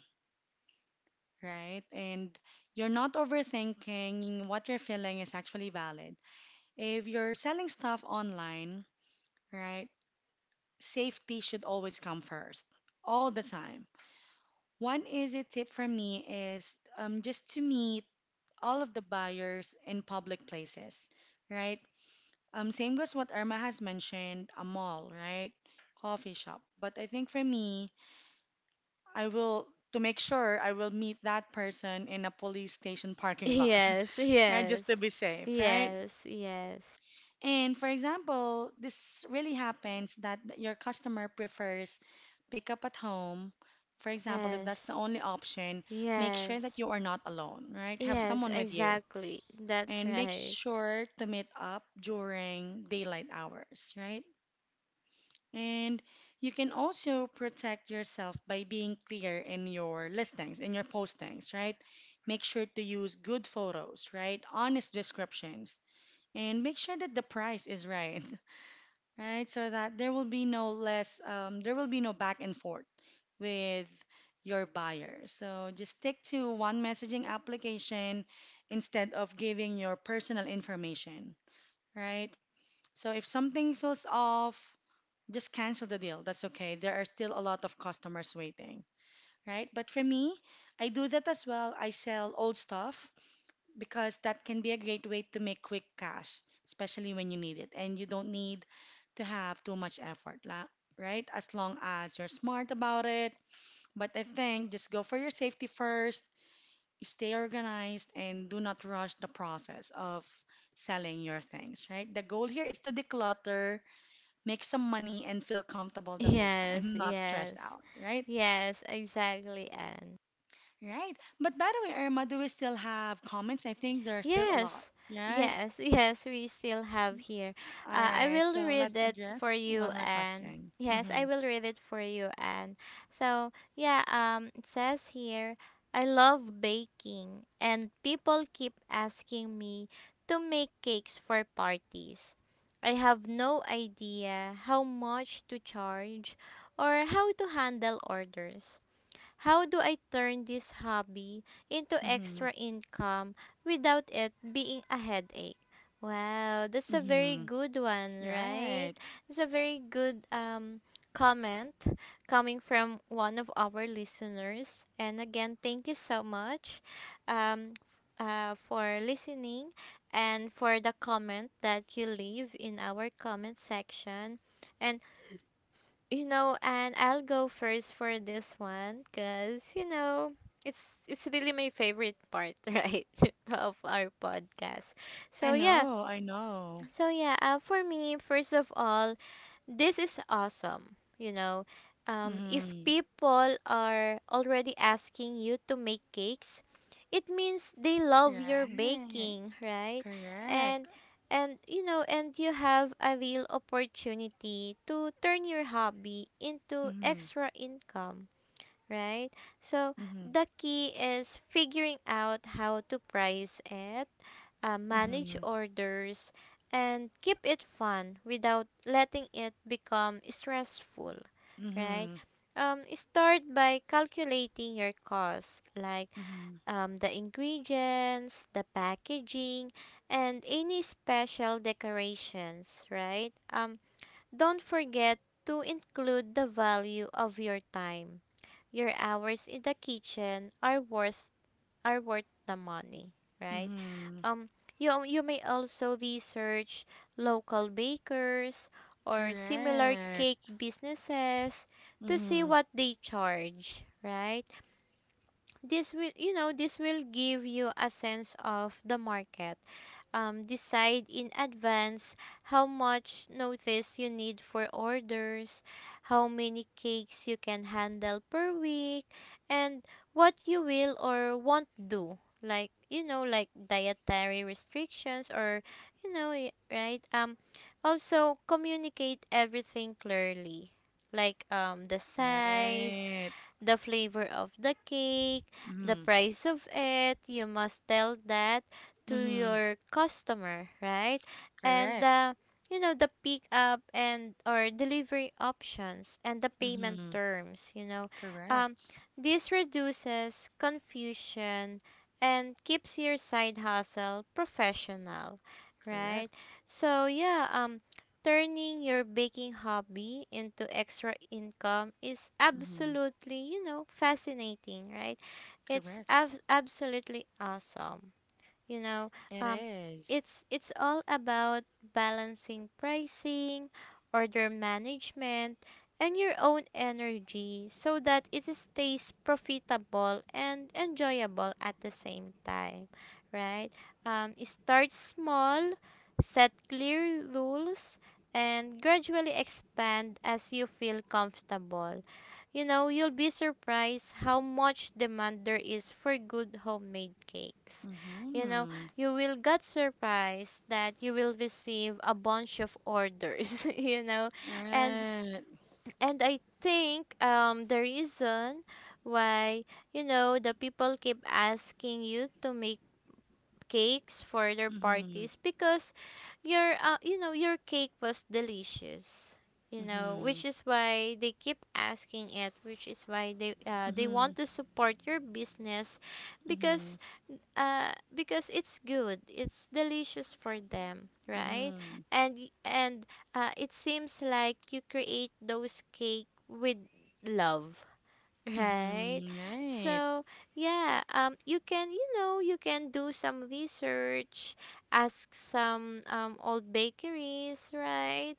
A: right? And you're not overthinking, what you're feeling is actually valid. If you're selling stuff online, right, safety should always come first, all the time. One easy tip from me is just to meet all of the buyers in public places, right? Same goes what Irma has mentioned, a mall, right? Coffee shop. But I think for me, I will, to make sure I will meet that person in a police station parking lot,
B: Yes,
A: *laughs* right? Just to
B: yes,
A: be safe, right?
B: yes, yes,
A: And for example, this really happens that your customer prefers pick up at home. For example, if that's the
B: yes,
A: only option, make sure that
B: yes,
A: you are not alone, right? Have
B: yes,
A: someone with you
B: exactly. That's
A: and make
B: right.
A: sure to meet up during daylight hours, right? And you can also protect yourself by being clear in your listings, in your postings, right? Make sure to use good photos, right? Honest descriptions. And make sure that the price is right. *laughs* right? So that there will be no less, there will be no back and forth with your buyer. So just stick to one messaging application instead of giving your personal information, right? So if something feels off, just cancel the deal. That's okay. There are still a lot of customers waiting, right? But for me, I do that as well. I sell old stuff because that can be a great way to make quick cash, especially when you need it. And you don't need to have too much effort, right? As long as you're smart about it. But I think just go for your safety first, stay organized, and do not rush the process of selling your things, right? The goal here is to declutter, make some money, and feel
B: *laughs*
A: comfortable the whole
B: Yes,
A: time, *laughs* not stressed
B: yes,
A: out, right?
B: yes, exactly, Anne.
A: Right. But by the way, Irma, do we still have comments? I think there are still a lot.
B: Yes,
A: Right?
B: yes, *laughs* yes, we still have here.
A: All
B: I
A: right,
B: will
A: so
B: read
A: let's
B: it for
A: address
B: you
A: one more
B: and
A: question.
B: Yes,
A: Mm-hmm.
B: I will read it for you. And so yeah, it says here, I love baking and people keep asking me to make cakes for parties. I have no idea how much to charge or how to handle orders. How do I turn this hobby into
A: Mm-hmm.
B: extra income without it being a headache? Wow, that's a very
A: Mm-hmm.
B: good one, right?
A: Right.
B: It's a very good comment, coming from one of our listeners. And again, thank you so much, um for listening, and for the comment that you leave in our comment section. And you know, and I'll go first for this one, because you know, it's really my favorite part, *laughs* right, of our podcast.
A: I
B: So yeah,
A: know, I know.
B: so yeah. For me, first of all, this is awesome. You know, if
A: Mm-hmm.
B: people are already asking you to make cakes, it means they love your
A: Right.
B: baking, right?
A: Correct.
B: And and you know, and you have a real opportunity to turn your hobby into
A: Mm-hmm.
B: extra income, right? So
A: Mm-hmm.
B: the key is figuring out how to price it, manage
A: Mm-hmm.
B: orders, and keep it fun without letting it become stressful, right?
A: Mm-hmm.
B: Start by calculating your costs, like
A: Mm-hmm.
B: the ingredients, the packaging, and any special decorations, right? Don't forget to include the value of your time. Your hours in the kitchen are worth the money, right?
A: Mm-hmm.
B: Um, you may also research local bakers or similar cake
A: Correct.
B: businesses to see
A: Mm-hmm.
B: what they charge, right? This will give you a sense of the market. Decide in advance how much notice you need for orders, how many cakes you can handle per week, and what you will or won't do, like like dietary restrictions, or you know y- right um also communicate everything clearly, like the size,
A: Right.
B: the flavor of the cake, the
A: Mm-hmm.
B: price of it. You must tell that to
A: Mm-hmm.
B: your customer, right? And
A: Correct.
B: you know, the pick up and or delivery options and the payment
A: Mm-hmm.
B: terms. Um,
A: Correct.
B: this reduces confusion and keeps your side hustle professional, right?
A: Correct.
B: So yeah, turning your baking hobby into extra income is
A: Mm-hmm.
B: absolutely, you know, fascinating, right? It's
A: Correct.
B: absolutely awesome, you know.
A: It
B: um,
A: is.
B: it's all about balancing pricing, order management, and your own energy so that it stays profitable and enjoyable at the same time, right? Start small, set clear rules, and gradually expand as you feel comfortable. You know, you'll be surprised how much demand there is for good homemade cakes. You know,
A: Mm-hmm.
B: you will get surprised that you will receive a bunch of orders *laughs* you know. and
A: Right.
B: and I think the reason why, you know, the people keep asking you to make cakes for their
A: Mm-hmm.
B: parties because your you know, your cake was delicious, you know,
A: Mm-hmm.
B: which is why they keep asking it, which is why they want
A: Mm-hmm.
B: to support your business
A: Mm-hmm.
B: because because it's good, it's delicious for them, right?
A: Mm-hmm.
B: And and it seems like you create those cake with love. Right.
A: Mm-hmm. Right.
B: So, yeah, you can, you know, you can do some research, ask some old bakeries, right?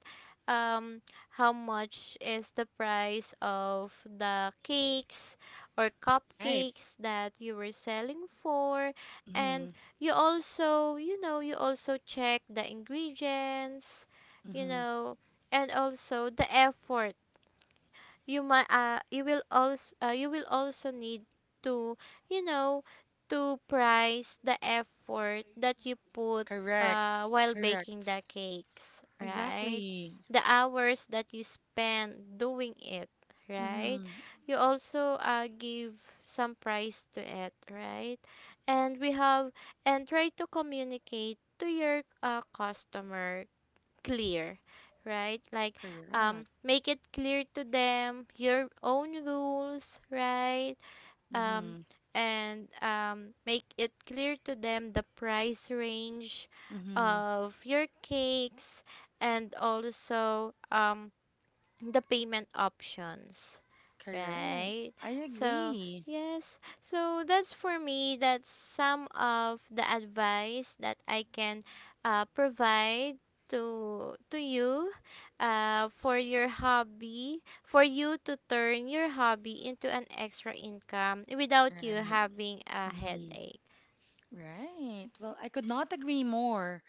B: Um how much is the price of the cakes or
A: Right.
B: cupcakes that you were selling for? And
A: Mm-hmm.
B: you also, you know, you also check the ingredients, you
A: Mm-hmm.
B: know, and also the effort. You might you will also need to, you know, to price the effort that you put
A: Correct.
B: while baking
A: Correct.
B: the cakes, right?
A: Exactly.
B: The hours that you spend doing it, right?
A: Mm-hmm.
B: You also give some price to it, right? and we have And try to communicate to your customer clear, right? Like
A: Correct.
B: make it clear to them your own rules, right? um
A: Mm-hmm.
B: and make it clear to them the price range
A: Mm-hmm.
B: of your cakes, and also the payment options,
A: Correct.
B: right?
A: I
B: So
A: agree.
B: yes, so that's, for me, that's some of the advice that I can provide to you, for your hobby, for you to turn your hobby into an extra income without you
A: Right.
B: having a
A: Mm-hmm.
B: headache.
A: Right. Well, I could not agree more.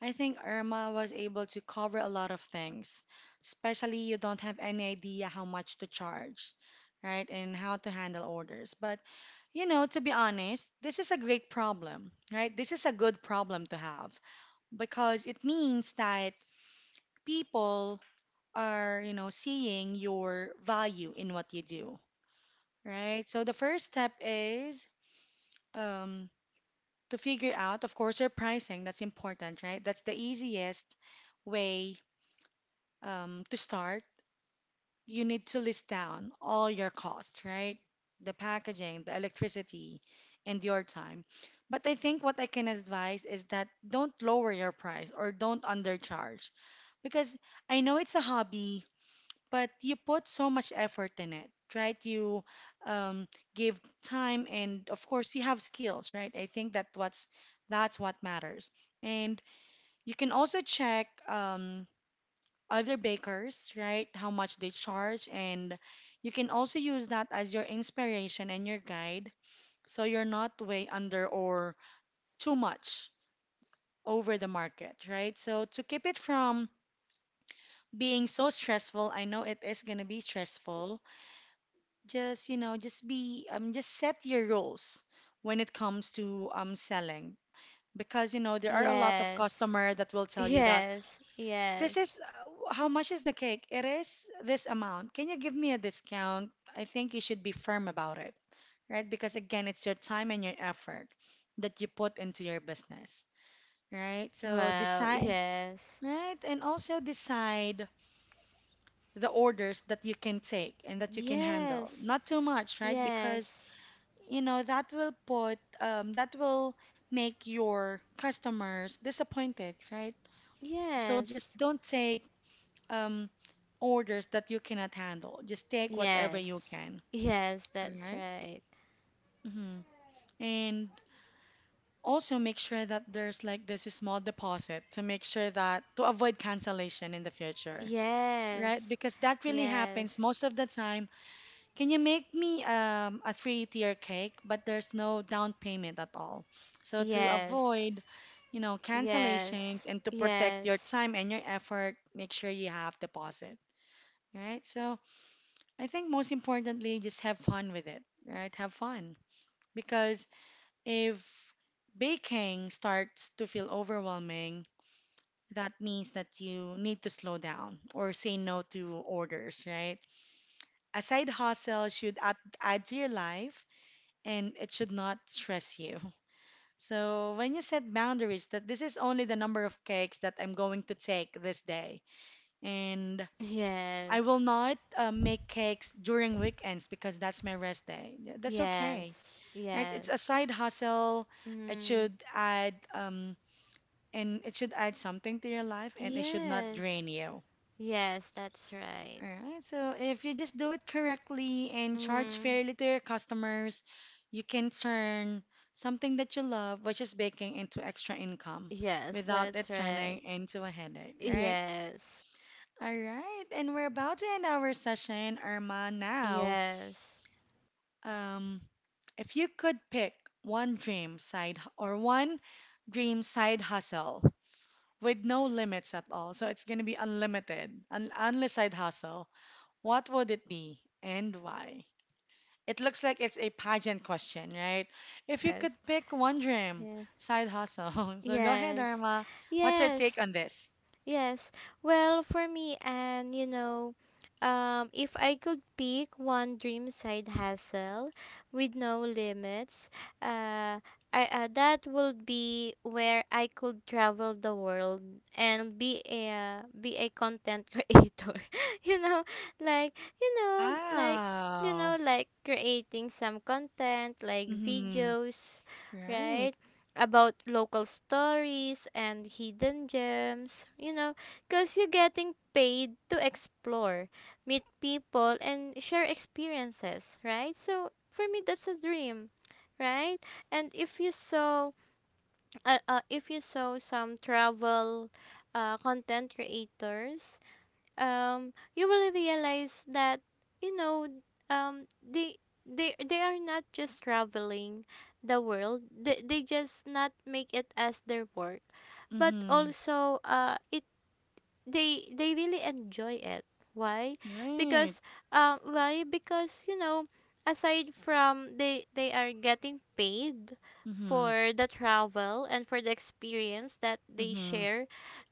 A: I think Irma was able to cover a lot of things, especially you don't have any idea how much to charge, right? And how to handle orders. But, you know, to be honest, this is a great problem, right? This is a good problem to have because it means that people are, you know, seeing your value in what you do, right? So the first step is um, to figure out, of course, your pricing. That's important, right? That's the easiest way to start, you need to list down all your costs, right? The packaging, the electricity, and your time. But I think what I can advise is that don't lower your price or don't undercharge because I know it's a hobby, but you put so much effort in it, right? You um, give time, and of course, you have skills, right? I think that what's that's what matters. And you can also check other bakers, right? How much they charge, and you can also use that as your inspiration and your guide so you're not way under or too much over the market, right? So to keep it from being so stressful, I know it is going to be stressful. Just be just set your rules when it comes to selling because you know there are a lot of
B: Yes.
A: customer that will
B: *laughs*
A: tell you that
B: Yes,
A: this
B: yes.
A: is how much is the cake? It is this amount. Can you give me a discount? I think you should be firm about it, right? Because again, it's your time and your effort that you put into your business, right? So
B: Wow,
A: decide,
B: yes
A: right? And also decide the orders that you can take and that you can handle.
B: yes.
A: Not too much, right? Because
B: Yes.
A: you know that will make your customers disappointed, right? So
B: Yes.
A: just don't take um, orders that you cannot handle. Just take whatever you
B: Yes.
A: can.
B: Yes,
A: All
B: that's
A: right?
B: right.
A: Mm-hmm. And also make sure that there's like this small deposit to make sure that to avoid cancellation in the future. Right?
B: Yes.
A: Because that really
B: Yes.
A: happens most of the time. Can you make me a three-tier cake, but there's no down payment at all? So to
B: Yes.
A: avoid, you know, cancellations
B: Yes.
A: and to protect your
B: Yes.
A: time and your effort, make sure you have deposit. Right? So I think most importantly, just have fun with it, right? Have fun. Because if baking starts to feel overwhelming, that means that you need to slow down or say no to orders, right? A side hustle should add to your life and it should not stress you. *laughs* So when you set boundaries that this is only the number of cakes that I'm going to take this day and I will
B: Yes.
A: not make cakes during weekends because that's my rest day. That's okay,
B: Yes.
A: right? It's
B: Yes.
A: a side hustle. It
B: Mm.
A: should add and it should add something to your life and it should not
B: Yes.
A: drain you.
B: Yes, that's right.
A: All right. So if you just do it correctly and charge
B: Mm.
A: fairly to your customers, you can turn something that you love, which is baking, into extra
B: Yes.
A: income
B: Yes,
A: without
B: that's
A: it
B: right.
A: turning into a headache, right?
B: Yes.
A: All right. And we're about to end our session, Irma, now.
B: Yes.
A: Um, if you could pick one dream side hustle with no limits at all, so it's going to be unlimited, an endless side hustle, what would it be and why? It looks like it's a pageant
B: Yes.
A: question,
B: *laughs*
A: right?
B: Yes.
A: If you
B: Yes.
A: could pick one dream
B: Yes.
A: side hustle, *laughs* so go ahead,
B: Yes.
A: Irma. What's your take
B: Yes.
A: on this?
B: Yes. Well, for me, and you know, if I could pick one dream side hustle with no limits, uh, that would be where I could travel the world and be a content *laughs* creator. *laughs* You know, like, you know, like, you
A: Wow.
B: know, like creating some content like
A: Mm-hmm.
B: videos,
A: Right.
B: right? About local stories and hidden gems, you know, because you're getting paid to explore, meet people, and share experiences, right? So for me, that's a dream, right? And if you saw some travel content creators, you will realize that, you know, um they they are not just traveling the world, they just not make it as their work, but
A: Mm-hmm.
B: also it, they really enjoy it. Why?
A: Right.
B: Because why? Because, you know, aside from they are getting paid
A: Mm-hmm.
B: for the travel and for the experience that they
A: Mm-hmm.
B: share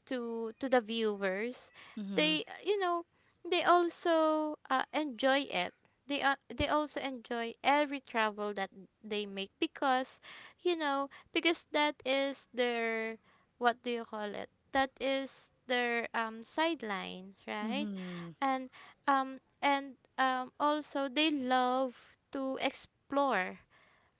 B: to the viewers,
A: Mm-hmm.
B: they you know, they also enjoy it. They they also enjoy every travel that they make because, you know, because that is their, what do you call it, that is their sideline, right?
A: Mm-hmm.
B: And and also they love to explore,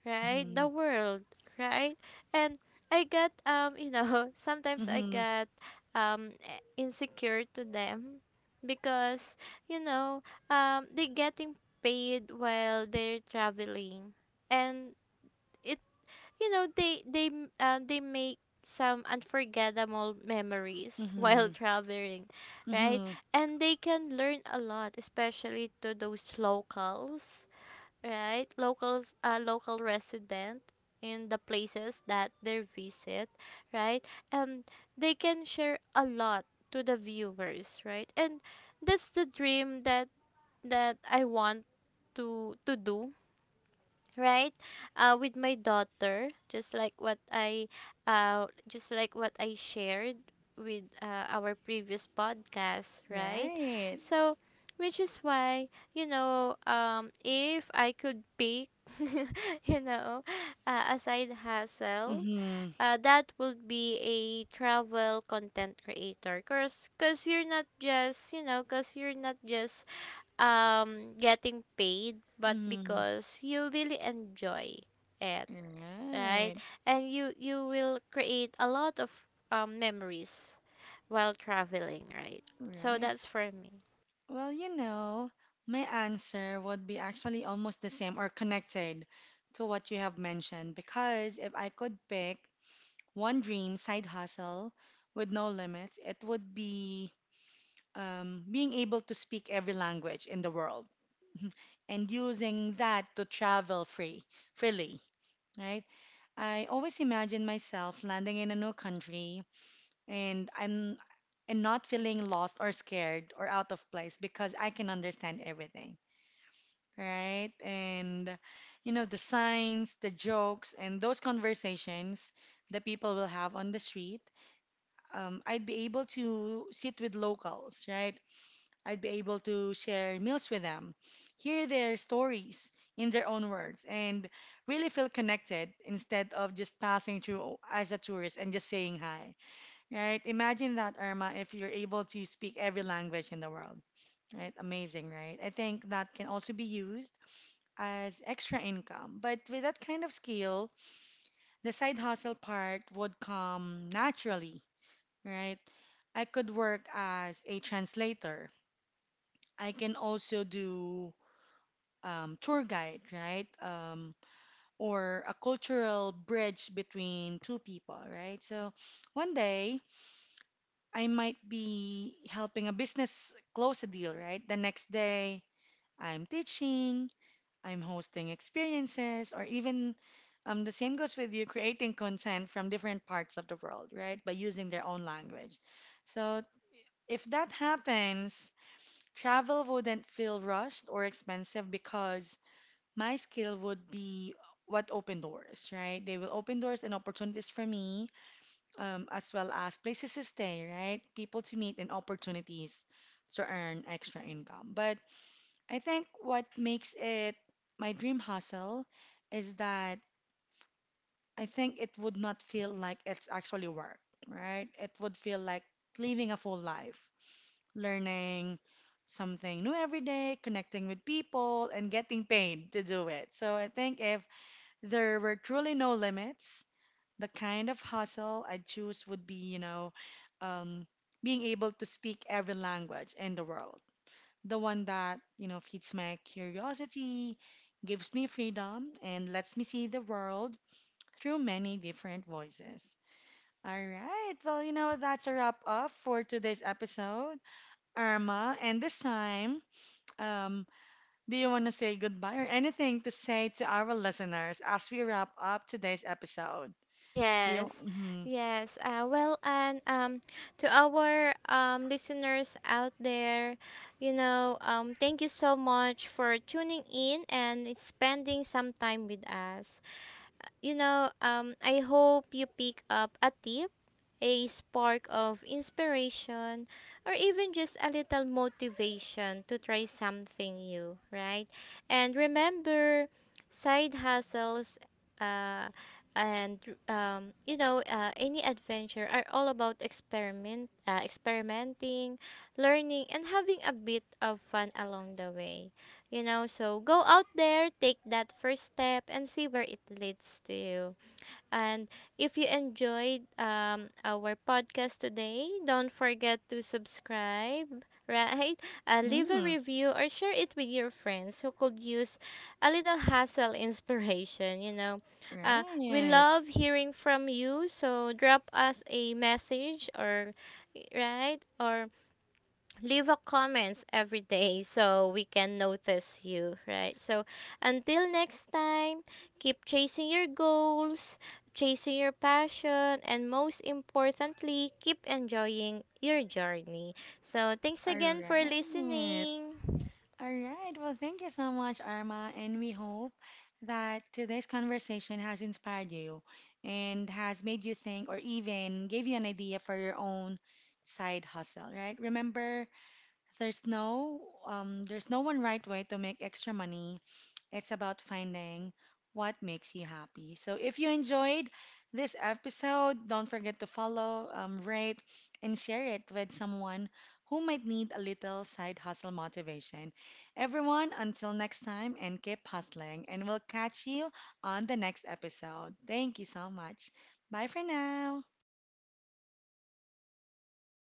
B: right? The
A: Mhm.
B: world, right? And I got, you know, *laughs* sometimes I
A: Mhm.
B: got insecure to them because, you know, they getting paid while they're traveling, and it, you know, they make some unforgettable memories *laughs* while
A: Mhm.
B: traveling, right?
A: Mhm.
B: And they can learn a lot, especially to those locals, right? Locals, local resident in the places that they visit, right? And they can share a lot to the viewers, right? And that's the dream, that I want to do, right? With my daughter, just like what I just like what I shared with our previous podcast, right?
A: Right.
B: So, which is why, you know, if I could pick *laughs* you know, a side hustle,
A: Mhm.
B: that would be a travel content creator, because cause 'cause you're not just, you know, because you're not just getting paid, but
A: Mhm.
B: because you really enjoy it, right?
A: Right,
B: And you will create a lot of memories while traveling, right? So
A: right.
B: that's for me.
A: Well, you know, my answer would be actually almost the same or connected to what you have mentioned because if I could pick one dream side hustle with no limits, it would be being able to speak every language in the world *laughs* and using that to travel freely, right? I always imagine myself landing in a new country and I'm and not feeling lost or scared or out of place because I can understand everything, right? And you know, the signs, the jokes, and those conversations that people will have on the street. I'd be able to sit with locals, right? I'd be able to share meals with them, hear their stories in their own words, and really feel connected instead of just passing through as a tourist and just saying hi, right? Imagine that, Irma, if you're able to speak every language in the world, right? Amazing, right? I think that can also be used as extra income. But with that kind of skill, the side hustle part would come naturally, right? I could work as a translator. I can also do tour guide, right? Or a cultural bridge between two people, right? So one day I might be helping a business close a deal, right? The next day I'm teaching, I'm hosting experiences, or even the same goes with you creating content from different parts of the world, right? By using their own language. So if that happens, travel wouldn't feel rushed or expensive because my skill would be what open doors, right? They will open doors and opportunities for me, as well as places to stay, right? People to meet and opportunities to earn extra income. But I think what makes it my dream hustle is that I think it would not feel like it's actually work, right? It would feel like living a full life, learning something new every day, connecting with people, and getting paid to do it. So I think if there were truly no limits. The kind of hustle I'd choose would be, you know, um, being able to speak every language in the world. The one that, you know, feeds my curiosity, gives me freedom, and lets me see the world through many different voices. All right, well, you know, that's a wrap up for today's episode, Irma. And this time, um, do you want to say goodbye or anything to say to our listeners as we wrap up today's episode? The
B: Yes.
A: Mm-hmm.
B: Yes, well, and to our listeners out there, you know, thank you so much for tuning in and spending some time with us. You know, I hope you pick up a tip, a spark of inspiration, or even just a little motivation to try something new, right? And remember, side hustles uh, and you know, any adventure are all about experimenting, learning, and having a bit of fun along the way. You know, so go out there, take that first step and see where it leads to you. And if you enjoyed, our podcast today, don't forget to subscribe *laughs* right? Leave a
A: Mm-hmm.
B: review or share it with your friends who could use a little hustle inspiration, you know. uh, we
A: Right.
B: love hearing from you, so drop us a message or, right, or leave a comments every day *laughs* so we can notice you, right? So until next time, keep chasing your goals, chasing your passion, and most importantly, keep enjoying your journey. So thanks
A: All
B: again for
A: right.
B: listening.
A: All right. Well, thank you so much, Arma, and we hope that today's conversation has inspired you and has made you think or even gave you an idea for your own side hustle, right? Remember, there's no there's no one right way to make extra money. It's about finding what makes you happy. So if you enjoyed this episode, don't forget to follow, rate, and share it with someone who might need a little side hustle motivation. Everyone, until next time, and keep hustling, and we'll catch you on the next episode. Thank you so much. Bye for now.